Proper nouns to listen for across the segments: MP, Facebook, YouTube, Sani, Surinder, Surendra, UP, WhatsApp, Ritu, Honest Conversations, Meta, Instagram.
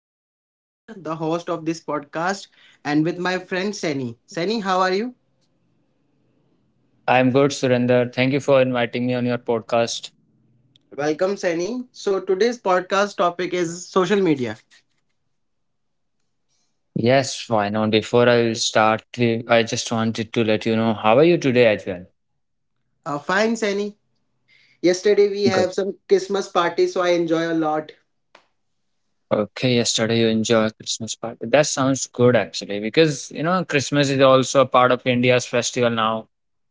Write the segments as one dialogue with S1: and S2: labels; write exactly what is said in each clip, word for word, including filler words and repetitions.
S1: am Surendra, the host of this podcast, and with my friend Sani. Sani, how are you?
S2: I'm good, Surinder. Thank you for inviting me on your podcast.
S1: Welcome, Sani. So, today's podcast topic is social media.
S2: Yes, why not? Before I will start, we- I just wanted to let you know how are you today as well?
S1: Uh, fine, Sani. Yesterday we have
S2: Good.
S1: some Christmas party, so I enjoy a lot.
S2: Okay, yesterday you enjoy Christmas party. That sounds good actually, because you know Christmas is also a part of India's festival now.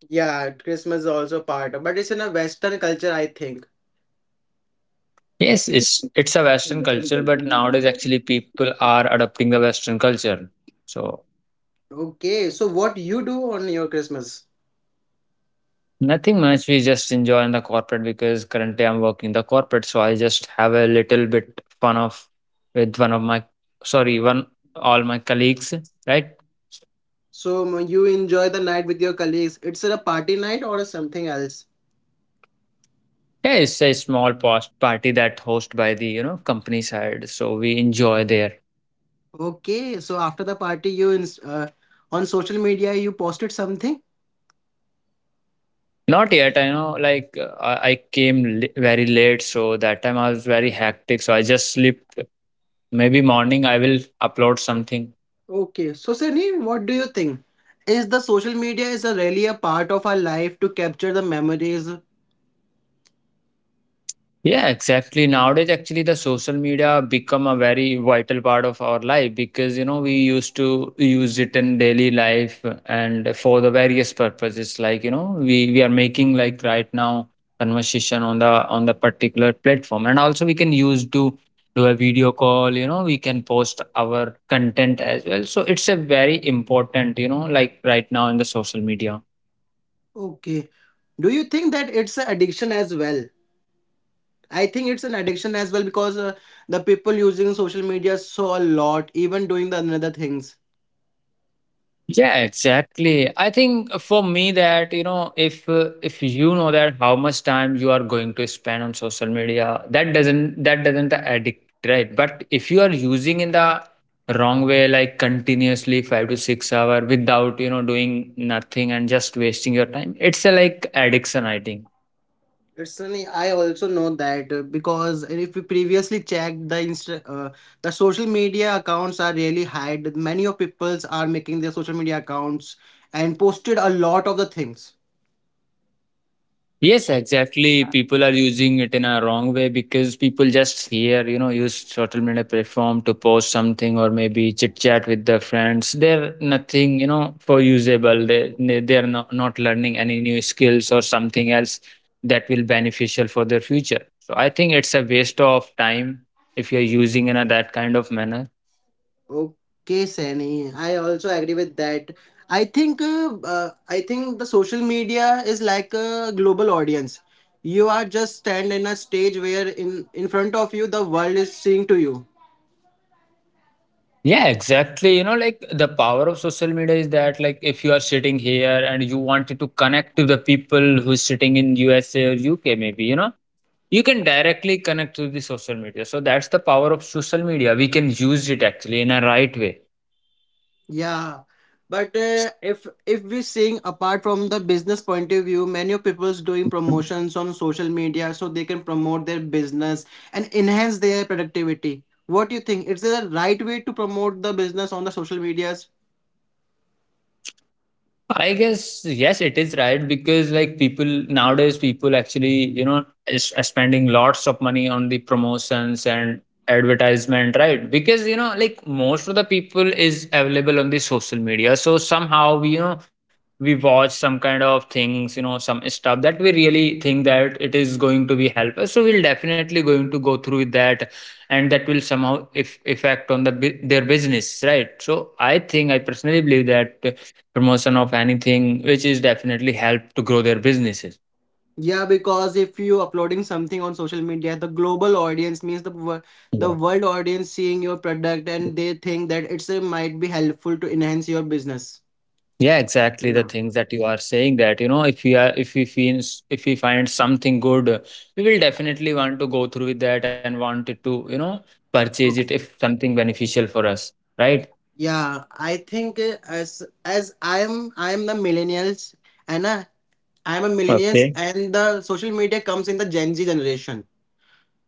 S1: Yeah, Christmas is also part, but it's in a Western culture, I think.
S2: Yes, it's it's a Western culture, but nowadays actually people are adopting the Western culture. So
S1: Okay, so what you do on your Christmas?
S2: nothing much. We just enjoy in the corporate because currently I'm working the corporate, so I just have a little bit fun of with one of my sorry, one all my colleagues, right?
S1: So m- you enjoy the night with your colleagues. It's a party night or something else?
S2: Yeah, it's a small post party that hosted by the you know company side, so we enjoy there.
S1: Okay, so after the party, you ins uh, on social media you posted something.
S2: Not yet, I know. Like uh, I I came li- very late, so that time I was very hectic. So I just sleep. Maybe morning I will upload something.
S1: Okay, so Sunny, what do you think? Is the social media is a really a part of our life to capture the memories?
S2: Yeah, exactly. Nowadays, actually, the social media become a very vital part of our life because you know we used to use it in daily life and for the various purposes. Like you know, we we are making like right now conversation on the on the particular platform, and also we can use to do a video call. You know, we can post our content as well. So it's a very important, you know, like right now in the social media.
S1: Okay, do you think that it's an addiction as well? I think it's an addiction as well because uh, the people using social media saw a lot, even doing the another things.
S2: Yeah, exactly. I think for me that, you know, if uh, if you know that how much time you are going to spend on social media, that doesn't that doesn't addict, right? But if you are using in the wrong way, like continuously five to six hour without, you know, doing nothing and just wasting your time, it's a like addiction, I think.
S1: Personally, I also know that uh, because if we previously checked the insta uh, the social media accounts are really hide. Many of peoples are making their social media accounts and posted a lot of the things.
S2: Yes, exactly. People are using it in a wrong way because people just here, you know, use social media platform to post something or maybe chit chat with their friends. They're nothing, you know, for usable. They they- they're not, not learning any new skills or something else that will beneficial for their future. So I think it's a waste of time if you're using in a that kind of manner.
S1: Okay, Sani, I also agree with that. I think uh, uh, I think the social media is like a global audience. You are just stand in a stage where in in front of you the world is seeing to you.
S2: Yeah, exactly. You know, like the power of social media is that like if you are sitting here and you wanted to connect to the people who's sitting in U S A or U K maybe, you know, you can directly connect through the social media. So that's the power of social media. We can use it actually in a right way.
S1: Yeah, but uh, if if we seeing apart from the business point of view, many people's doing promotions on social media so they can promote their business and enhance their productivity. What do you think? Is it the right way to promote the business on the social medias?
S2: I guess yes, it is right because like people nowadays, people actually you know is are spending lots of money on the promotions and advertisement, right? Because you know like most of the people is available on the social media, so somehow we you know we watch some kind of things, you know, some stuff that we really think that it is going to be help us. So we'll definitely going to go through with that, and that will somehow if effect on the bu- their business, right? So I think I personally believe that promotion of anything, which is definitely help to grow their businesses.
S1: Yeah, because if you uploading something on social media, the global audience means the wor- the
S2: Yeah.
S1: world audience seeing your product and they think that it's uh, might be helpful to enhance your business.
S2: Yeah, exactly the things that you are saying that you know if we are if we find, if we find something good, uh, we will definitely want to go through with that and want it to you know purchase it if something beneficial for us, right?
S1: Yeah, I think uh, as as I'm I'm the millennials and uh, I'm a millennials
S2: Okay.
S1: and the social media comes in the Gen Z generation.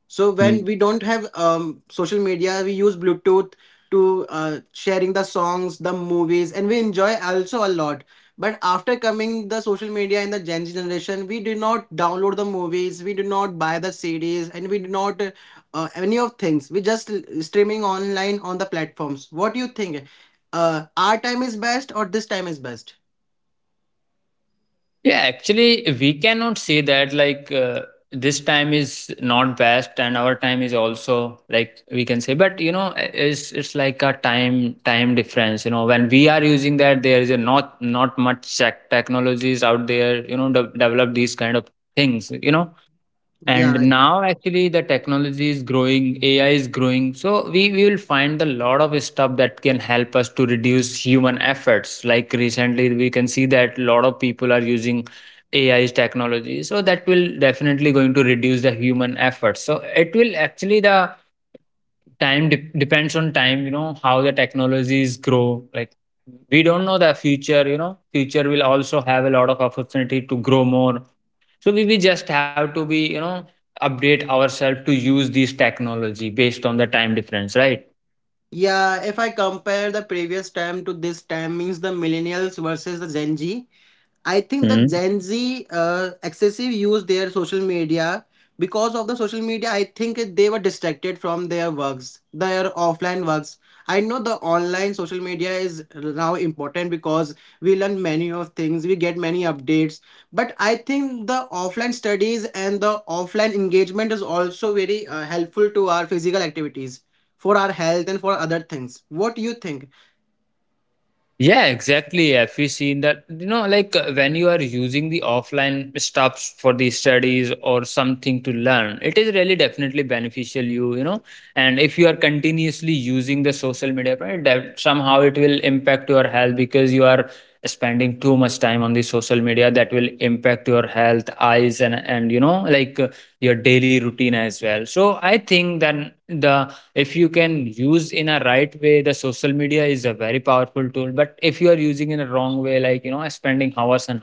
S1: So when we don't have um, social media, we use Bluetooth to uh, sharing the songs, the movies, and we enjoy also a lot. But after coming the social media in the Gen Z generation, we do not download the movies, we do not buy the C Ds, and we do not uh, uh, any of things. We just streaming online on the platforms. What do you think? Uh, our time is best or this time is best?
S2: Yeah, actually, we cannot say that like uh, this time is not best and our time is also like we can say, but you know, i- it's it's like a time time difference. You know, when we are using that, there is a not not much tech technologies out there. You know, de- develop these kind of things. You know, and
S1: Yeah,
S2: now actually the technology is growing, A I is growing. So we, we will find a lot of stuff that can help us to reduce human efforts. Like recently we can see that a lot of people are using A I's technology. So that will definitely going to reduce the human efforts. So it will actually the time de- depends on time, you know, how the technologies grow. Like we don't know the future, you know, future will also have a lot of opportunity to grow more, so we, we just have to be you know update ourselves to use this technology based on the time difference,
S1: yeah. If I compare the previous time to this time, means the millennials versus the Gen Z. I think the
S2: right.
S1: Gen Z uh, excessive use their social media because of the social media. I think they were distracted from their works, their offline works. I know the online social media is now important because we learn many of things, we get many updates. But I think the offline studies and the offline engagement is also very uh, helpful to our physical activities, for our health and for other things. What do you think?
S2: Yeah, exactly. Have you seen that? You know, like uh, when you are using the offline stuffs for the studies or something to learn, it is really definitely beneficial. You, you know, and if you are continuously using the social media, right, that somehow it will impact your health because you are spending too much time on the social media. That will impact your health, eyes, and and you know, like uh, your daily routine as well. So I think that the if you can use in a right way, the social media is a very powerful tool, but if you are using in a wrong way like you know spending hours and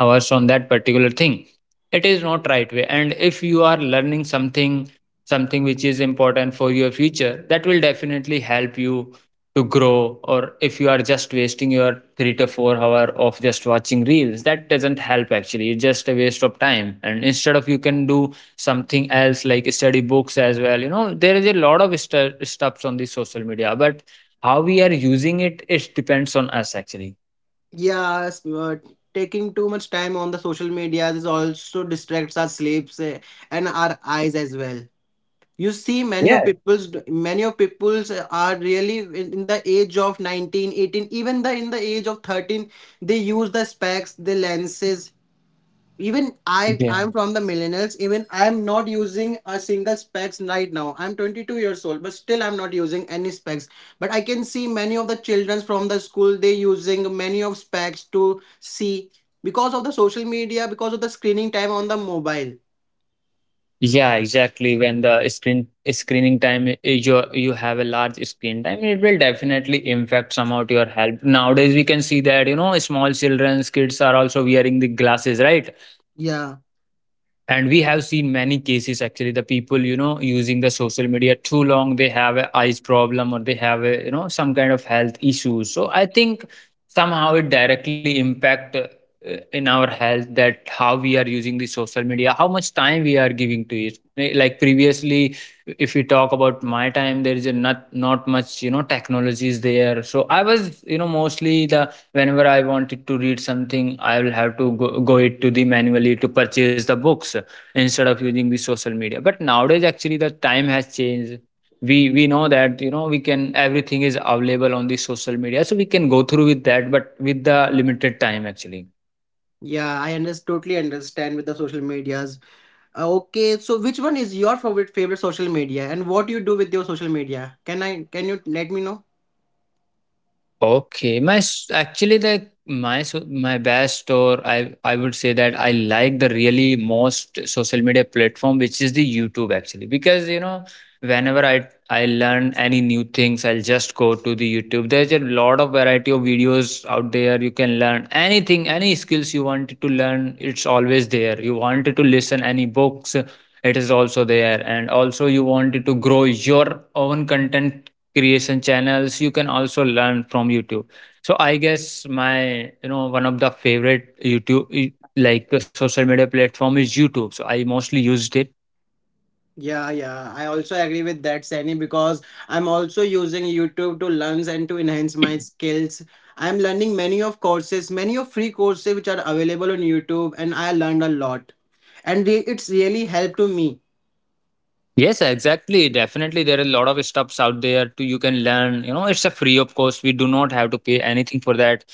S2: hours on that particular thing, it is not right way. And if you are learning something something which is important for your future, that will definitely help you to grow. Or if you are just wasting your three to four hour of just watching reels, that doesn't help actually, it's just a waste of time, and instead of you can do something else like study books as well. You know, there is a lot of stu- stuffs on the social media, but how we are using it, it depends on us actually.
S1: Yes, but taking too much time on the social media is also distracts our sleeps eh, and our eyes as well. You see, many of people's many of people's eh, are really in in the age of nineteen, eighteen, even the in the age of thirteen, they use the specs, the lenses, even i
S2: Yeah.
S1: i'm from the millennials, even I'm not using a single specs right now. I'm twenty-two years old, but still I'm not using any specs. But I can see many of the children from the school, they using many of specs to see because of the social media, because of the screening time on the mobile.
S2: Yeah, exactly. When the screen screening time i- is your you have a large screen time, it will definitely impact somehow to your health. Nowadays, we can see that you know small children's kids are also wearing the glasses, right?
S1: Yeah,
S2: And we have seen many cases actually, the people, you know, using the social media too long, they have a eyes problem or they have a, you know, some kind of health issues. So I think somehow it directly impact uh, in our health, that how we are using the social media, how much time we are giving to it. Eh, like previously, if we talk about my time, there is a not not much, you know, technology is there. So I was, you know, mostly the whenever I wanted to read something, I will have to go, go it to the manually to purchase the books instead of using the social media. But nowadays actually the time has changed, we we know that you know we can everything is available on the social media, so we can go through with that but with the limited time actually.
S1: yeah i under- totally understand with the social medias. Uh, okay, so which one is your favorite favorite social media and what you do with your social media? can i can you let me know?
S2: Okay, my s actually, like, my so my best or I I would say that I like the really most social media platform, which is the YouTube actually, because, you know, whenever I I learn any new things, I'll just go to the YouTube. There's a lot of variety of videos out there. You can learn anything, any skills you wanted to learn, it's always there. You wanted to listen any books, it is also there. And also you wanted to grow your own content creation channels, you can also learn from YouTube. So I guess my you know one of the favorite youtube y- like uh, social media platform is YouTube, so I mostly used it.
S1: Yeah, yeah. I also agree with that, Sani, because I'm also using YouTube to learn and to enhance my skills. I'm learning many of courses, many of free courses which are available on YouTube, and I learned a lot. And re- it's really helped to me.
S2: Yes, exactly, definitely there are a lot of stuffs out there to you can learn, you know it's a free of course, we do not have to pay anything for that.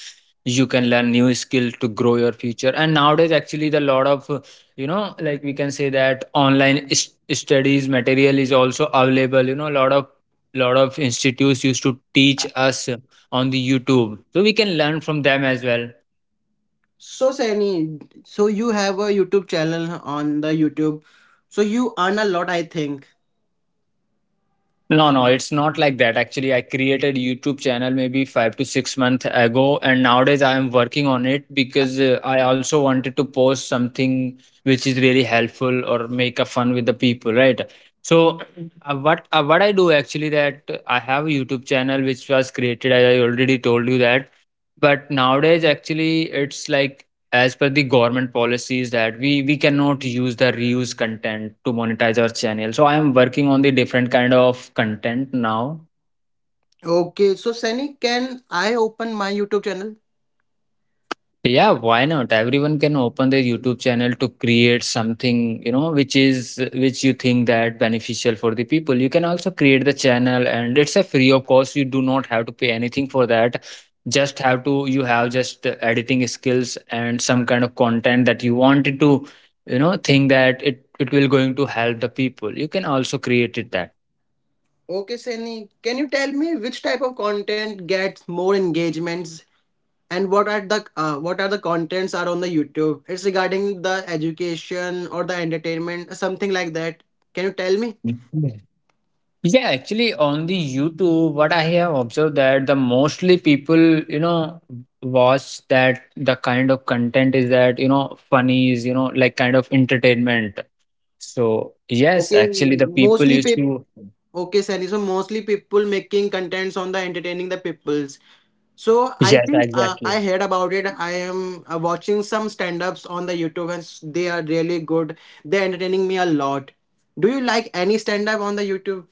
S2: You can learn new skill to grow your future. And nowadays actually the lot of uh, you know like we can say that online s- studies material is also available, you know, lot of lot of institutes used to teach us on the YouTube, so we can learn from them as well.
S1: So, Sani, so you have a YouTube channel on the YouTube. So you earn a lot, I think.
S2: No, no, it's not like that. Actually, I created YouTube channel maybe five to six months ago, and nowadays I am working on it because uh, I also wanted to post something which is really helpful or make a fun with the people, right? So, uh, what uh, what I do actually that uh, I have a YouTube channel which was created, as I already told you that. But nowadays, actually, it's like as per the government policies that we we cannot use the reuse content to monetize our channel, so I am working on the different kind of content now.
S1: Okay, so Sani, can I open my YouTube channel?
S2: Yeah, why not? Everyone can open their YouTube channel to create something, you know, which is which you think that beneficial for the people. You can also create the channel and it's a free of course. You do not have to pay anything for that. Just have to You have just uh, editing skills and some kind of content that you wanted to, you know, think that it it will going to help the people. You can also create it
S1: Okay, Sani, can you tell me which type of content gets more engagements and what are the uh, what are the contents are on the YouTube? It's regarding the education or the entertainment, something like that? Can you tell me?
S2: that. Yeah, actually, on the YouTube, what I have observed that the mostly people, you know, watch that the kind of content is that, you know, funny is, you know, like kind of entertainment. So, yes,
S1: Okay,
S2: actually, the people
S1: mostly
S2: used
S1: people.
S2: to.
S1: Okay, Sunny. So mostly people making contents on the entertaining the peoples. So i
S2: Yes,
S1: think uh,
S2: exactly.
S1: i heard about it. I am uh, watching some stand-ups on the YouTube and s- they are really good. They're entertaining me a lot. Do you like any stand-up on the YouTube?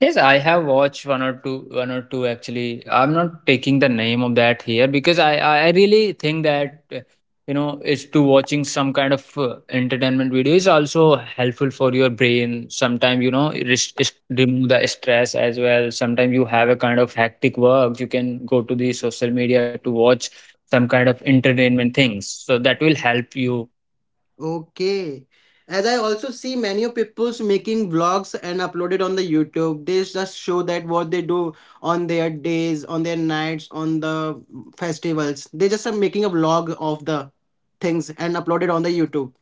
S2: Yes, I have watched one or two, one or two actually. I'm not taking the name of that here because I, I I really think that uh, you know, is to watching some kind of uh, entertainment video is also helpful for your brain. Sometimes you know, it res- is- remove the stress as well. Sometimes you have a kind of hectic work, you can go to the social media to watch some kind of entertainment things. So that will help you.
S1: Okay. As I also see many people's making vlogs and uploaded on the YouTube. They just show that what they do on their days, on their nights, on the festivals. They just are making a vlog of the things and uploaded on the YouTube.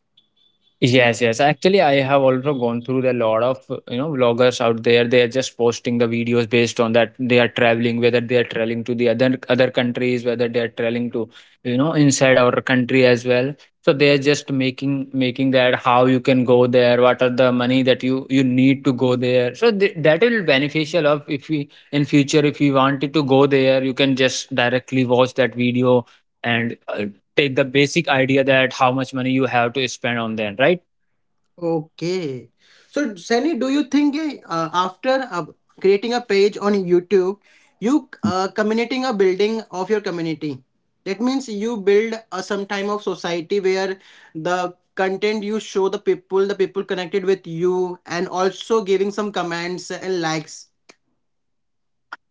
S2: Yes, yes. Actually, I have also gone through the lot of you know vloggers out there. They are just posting the videos based on that they are traveling, whether they are traveling to the other other countries, whether they are traveling to you know inside our country as well. So they are just making making that how you can go there, what are the money that you you need to go there. So th- that will beneficial of if we in future if we wanted to go there, you can just directly watch that video and uh, take the basic idea that how much money you have to spend on them, right?
S1: Okay. So, Sunny, do you think eh, uh, after uh, creating a page on YouTube, you uh, communicating a building of your community? That means you build a some time of society where the content you show the people, the people connected with you, and also giving some comments and likes.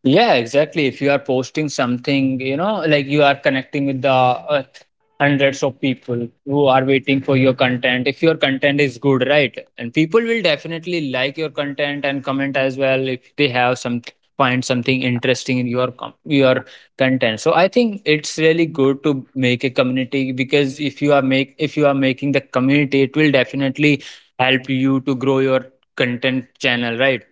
S2: Yeah, exactly. If you are posting something, you know, like you are connecting with the uh, hundreds of people who are waiting for your content. If your content is good, right? And people will definitely like your content and comment as well if they have some find something interesting in your com- your content. So I think it's really good to make a community because if you are make if you are making the community, it will definitely help you to grow your content channel, right?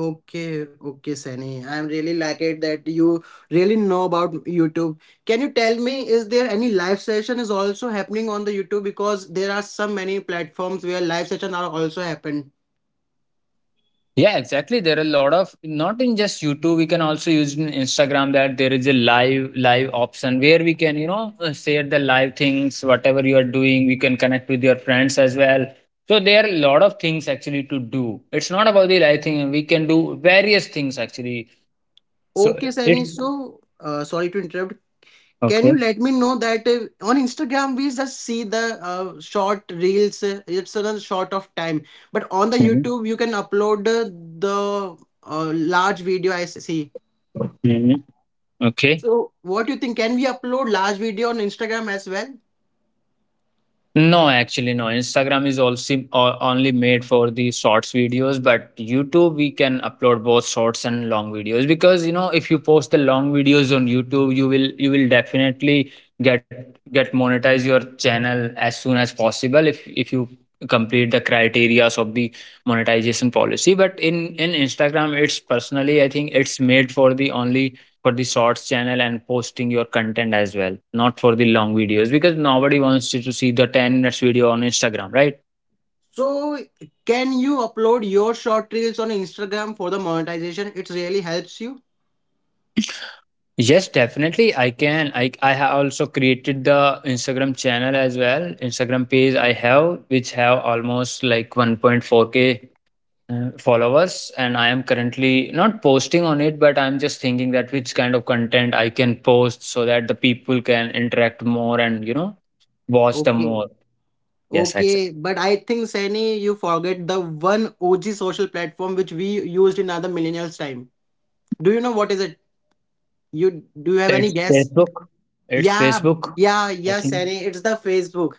S1: Okay, okay, Sunny. I'm really like it that you really know about YouTube. Can you tell me, is there any live session is also happening on the YouTube? Because there are so many platforms where live session are also happen.
S2: Yeah, exactly. There are a lot of not in just YouTube. We can also use in Instagram that there is a live live option where we can you know uh, share the live things, whatever you are doing. We can connect with your friends as well. So there are a lot of things actually to do. It's not about the live thing. We can do various things actually. So
S1: Okay,
S2: it's
S1: Sunny. So, uh, sorry to interrupt. Can you
S2: okay.
S1: let me know that uh, on Instagram we just see the uh, short reels. Uh, it's a short of time, but on the
S2: Hmm.
S1: YouTube you can upload uh, the uh, large video. I see.
S2: Hmm. Okay.
S1: So what do you think? Can we upload large video on Instagram as well?
S2: No, actually, no. Instagram is also o- only made for the shorts videos, but YouTube we can upload both shorts and long videos because you know if you post the long videos on YouTube, you will you will definitely get get monetize your channel as soon as possible if if you complete the criterias of the monetization policy. But in in Instagram, it's personally I think it's made for the only for the shorts channel and posting your content as well, not for the long videos because nobody wants you to see the 10 minutes video on Instagram, right?
S1: So can you upload your short reels on Instagram for the monetization? It really helps you.
S2: Yes, definitely I can. I I have also created the Instagram channel as well. Instagram page I have which have almost like one point four k uh, followers, and I am currently not posting on it, but I'm just thinking that which kind of content I can post so that the people can interact more and you know watch the
S1: Okay.
S2: more. Yes, exactly.
S1: Okay, but I think Sani, you forget the one O G social platform which we used in other millennials' time. Do you know what is it? You Do you have any
S2: It's
S1: guess?
S2: Facebook. It's
S1: Yeah,
S2: Facebook,
S1: yeah,
S2: I
S1: yeah,
S2: think.
S1: Sani, it's the Facebook.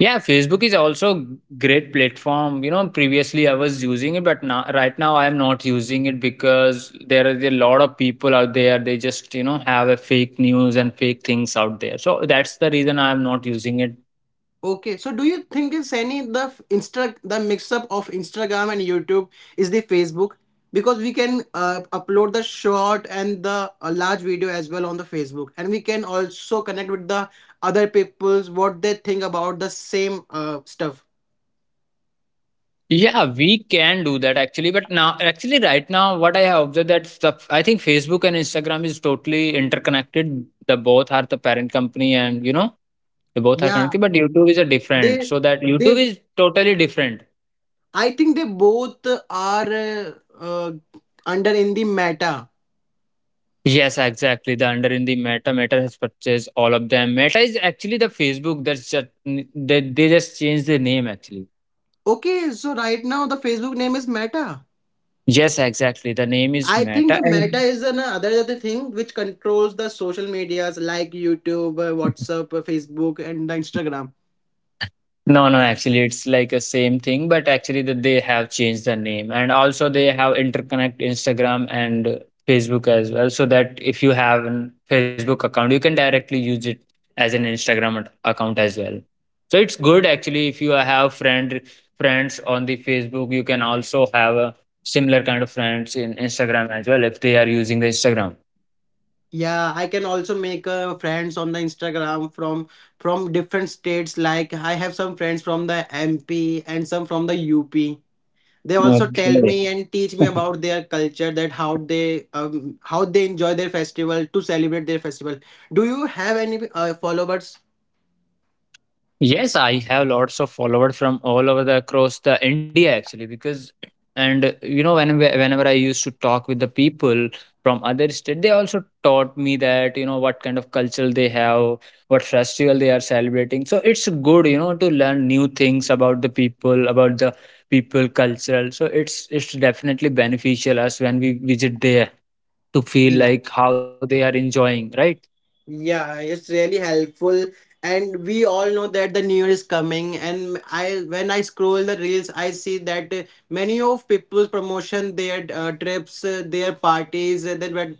S2: Yeah, Facebook is also great platform. You know, previously I was using it, but now right now I am not using it because there is a lot of people out there. They just you know have a fake news and fake things out there. So that's the reason I am not using it.
S1: Okay, so do you think is any the f- insta the mix up of Instagram and YouTube is the Facebook? Because we can uh, upload the short and the uh, large video as well on the Facebook, and we can also connect with the other people's what they think about the same uh, stuff.
S2: Yeah, we can do that actually, but now actually right now what I have observed that stuff. I think Facebook and Instagram is totally interconnected. The both are the parent company, and you know They both are
S1: Yeah,
S2: connected, but YouTube is a different.
S1: they
S2: So that YouTube
S1: they
S2: is totally different.
S1: I think they both are uh, uh, under in the Meta.
S2: Yes, exactly. The under in the Meta. Meta has purchased all of them. Meta is actually the Facebook. That's just they, they just changed the name actually.
S1: Okay, so right now the Facebook name is Meta.
S2: Yes, exactly. The name is
S1: I think
S2: Meta,
S1: the Meta
S2: and
S1: is another other thing which controls the social medias like YouTube, uh, WhatsApp, uh, Facebook, and the Instagram.
S2: no, no, actually, it's like a same thing, but actually that they have changed the name and also they have interconnect Instagram and Facebook as well. So that if you have an Facebook account, you can directly use it as an Instagram ac- account as well. So it's good actually if you have friend friends on the Facebook, you can also have a similar kind of friends in Instagram as well if they are using the Instagram.
S1: Yeah, I can also make uh, friends on the Instagram from from different states. Like I have some friends from the M P and some from the U P. They also tell me
S2: Okay.
S1: and teach me about their culture, that how they um, how they enjoy their festival to celebrate their festival. Do you have any uh, followers?
S2: Yes, I have lots of followers from all over the across the India actually because and uh, you know when whenever I used to talk with the people from other state, they also taught me that you know what kind of culture they have, what festival they are celebrating. So it's good you know to learn new things about the people, about the people cultural. So it's it's definitely beneficial us when we visit there to feel like how they are enjoying, right?
S1: Yeah, it's really helpful. And we all know that the new year is coming. And I, when I scroll the reels, I see that uh, many of people's promotion their uh, trips, uh, their parties, uh, that where,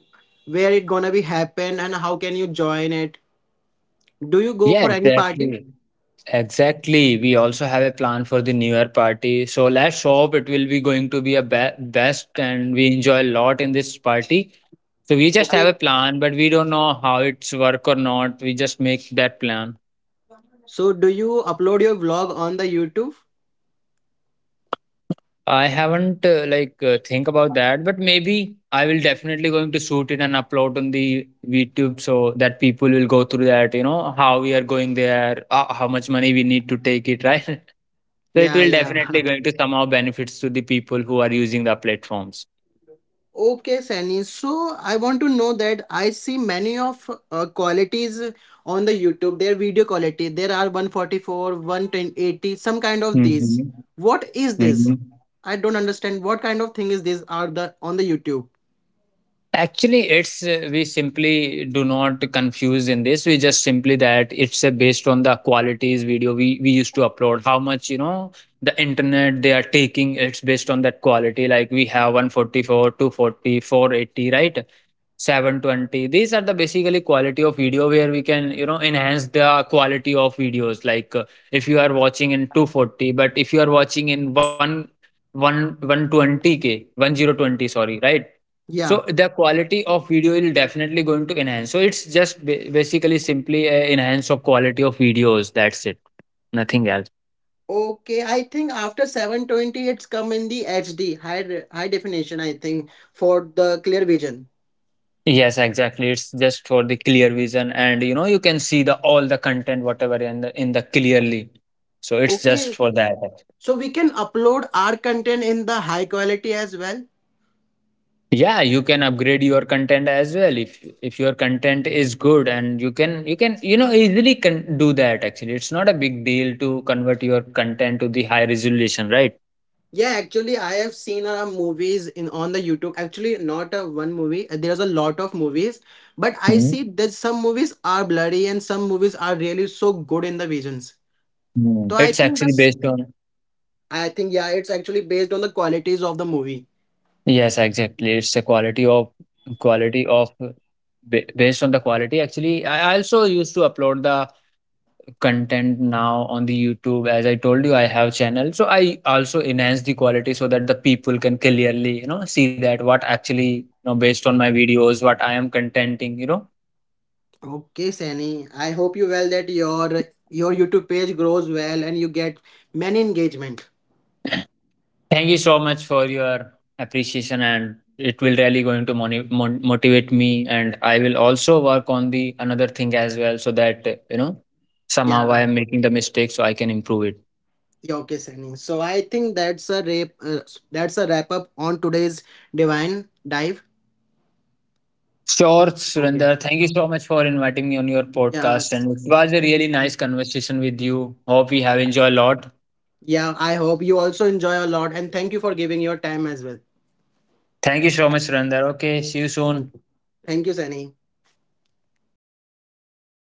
S1: where it gonna be happen and how can you join it. Do you go
S2: Yeah,
S1: for any party?
S2: exactly. Exactly. We also have a plan for the New Year party. So let's hope it will be going to be a be best and we enjoy a lot in this party. So we just have a
S1: Okay.
S2: plan, but we don't know how it's work or not. We just make that plan.
S1: So do you upload your vlog on the YouTube?
S2: I haven't uh, like uh, think about that, but maybe I will definitely going to shoot it and upload on the YouTube so that people will go through that, you know, how we are going there, uh, how much money we need to take it, right? So it
S1: Yeah,
S2: will definitely
S1: yeah.
S2: going to somehow benefits to the people who are using the platforms.
S1: Okay, Sunny. So I want to know that I see many of uh, qualities on the YouTube. Their video quality. There are one forty-four, one eighty, some kind of these.
S2: Mhm.
S1: What is this?
S2: Mhm.
S1: I don't understand. What kind of thing is these are the on the YouTube?
S2: Actually, it's uh, we simply do not confuse in this. We just simply that it's uh, based on the qualities video we we used to upload. How much you know the internet they are taking. It's based on that quality. Like we have one forty four, two forty four, eighty, right? seven twenty. These are the basically quality of video where we can, you know, enhance the quality of videos. Like uh, if you are watching in two forty, but if you are watching in one, one one twenty k, one thousand twenty, sorry, right? So
S1: Yeah.
S2: the quality of video is definitely going to enhance. So it's just ba- basically simply a enhance of quality of videos. That's it. Nothing else.
S1: Okay, I think after seven twenty it's come in the H D high re- high definition, I think, for the clear vision.
S2: Yes, exactly. It's just for the clear vision, and you know you can see the all the content whatever in the in the clearly. So it's just
S1: Okay.
S2: for that.
S1: So we can upload our content in the high quality as well.
S2: Yeah, you can upgrade your content as well if if your content is good, and you can you can you know easily can do that. Actually, it's not a big deal to convert your content to the high resolution, right?
S1: Yeah, actually, I have seen uh, movies in on the YouTube. Actually, not uh, one movie. uh, There's a lot of movies, but I
S2: Mhm.
S1: see that some movies are bloody and some movies are really so good in the visions.
S2: Mm.
S1: So I
S2: It's
S1: think
S2: actually
S1: that's.
S2: based on.
S1: I think yeah, it's actually based on the qualities of the movie.
S2: Yes, exactly. It's a quality of quality of ba- based on the quality actually. i I also used to upload the content now on the youtube, as I told you I have channel, so I also enhance the quality so that the people can clearly you know see that what actually you know based on my videos what I am contenting you know
S1: Okay, Sani. I hope you well that your your YouTube page grows well and you get many engagement.
S2: Thank you so much for your appreciation, and it will really going to moni- mon- motivate me, and I will also work on the another thing as well so that uh, you know somehow I
S1: Yeah.
S2: am making the mistake, so I can improve it.
S1: Yeah, okay, Sani. So I think that's a wrap. Uh, that's a wrap up on today's divine dive.
S2: Sure, Surinder.
S1: Okay.
S2: Thank you so much for inviting me on your
S1: Yeah.
S2: podcast. And it was a really nice conversation with you. Hope we have enjoyed a lot.
S1: Yeah, I hope you also enjoy a lot and thank you for giving your time as well.
S2: Thank you so much, Surinder. Okay, see you soon.
S1: Thank you, Sunny.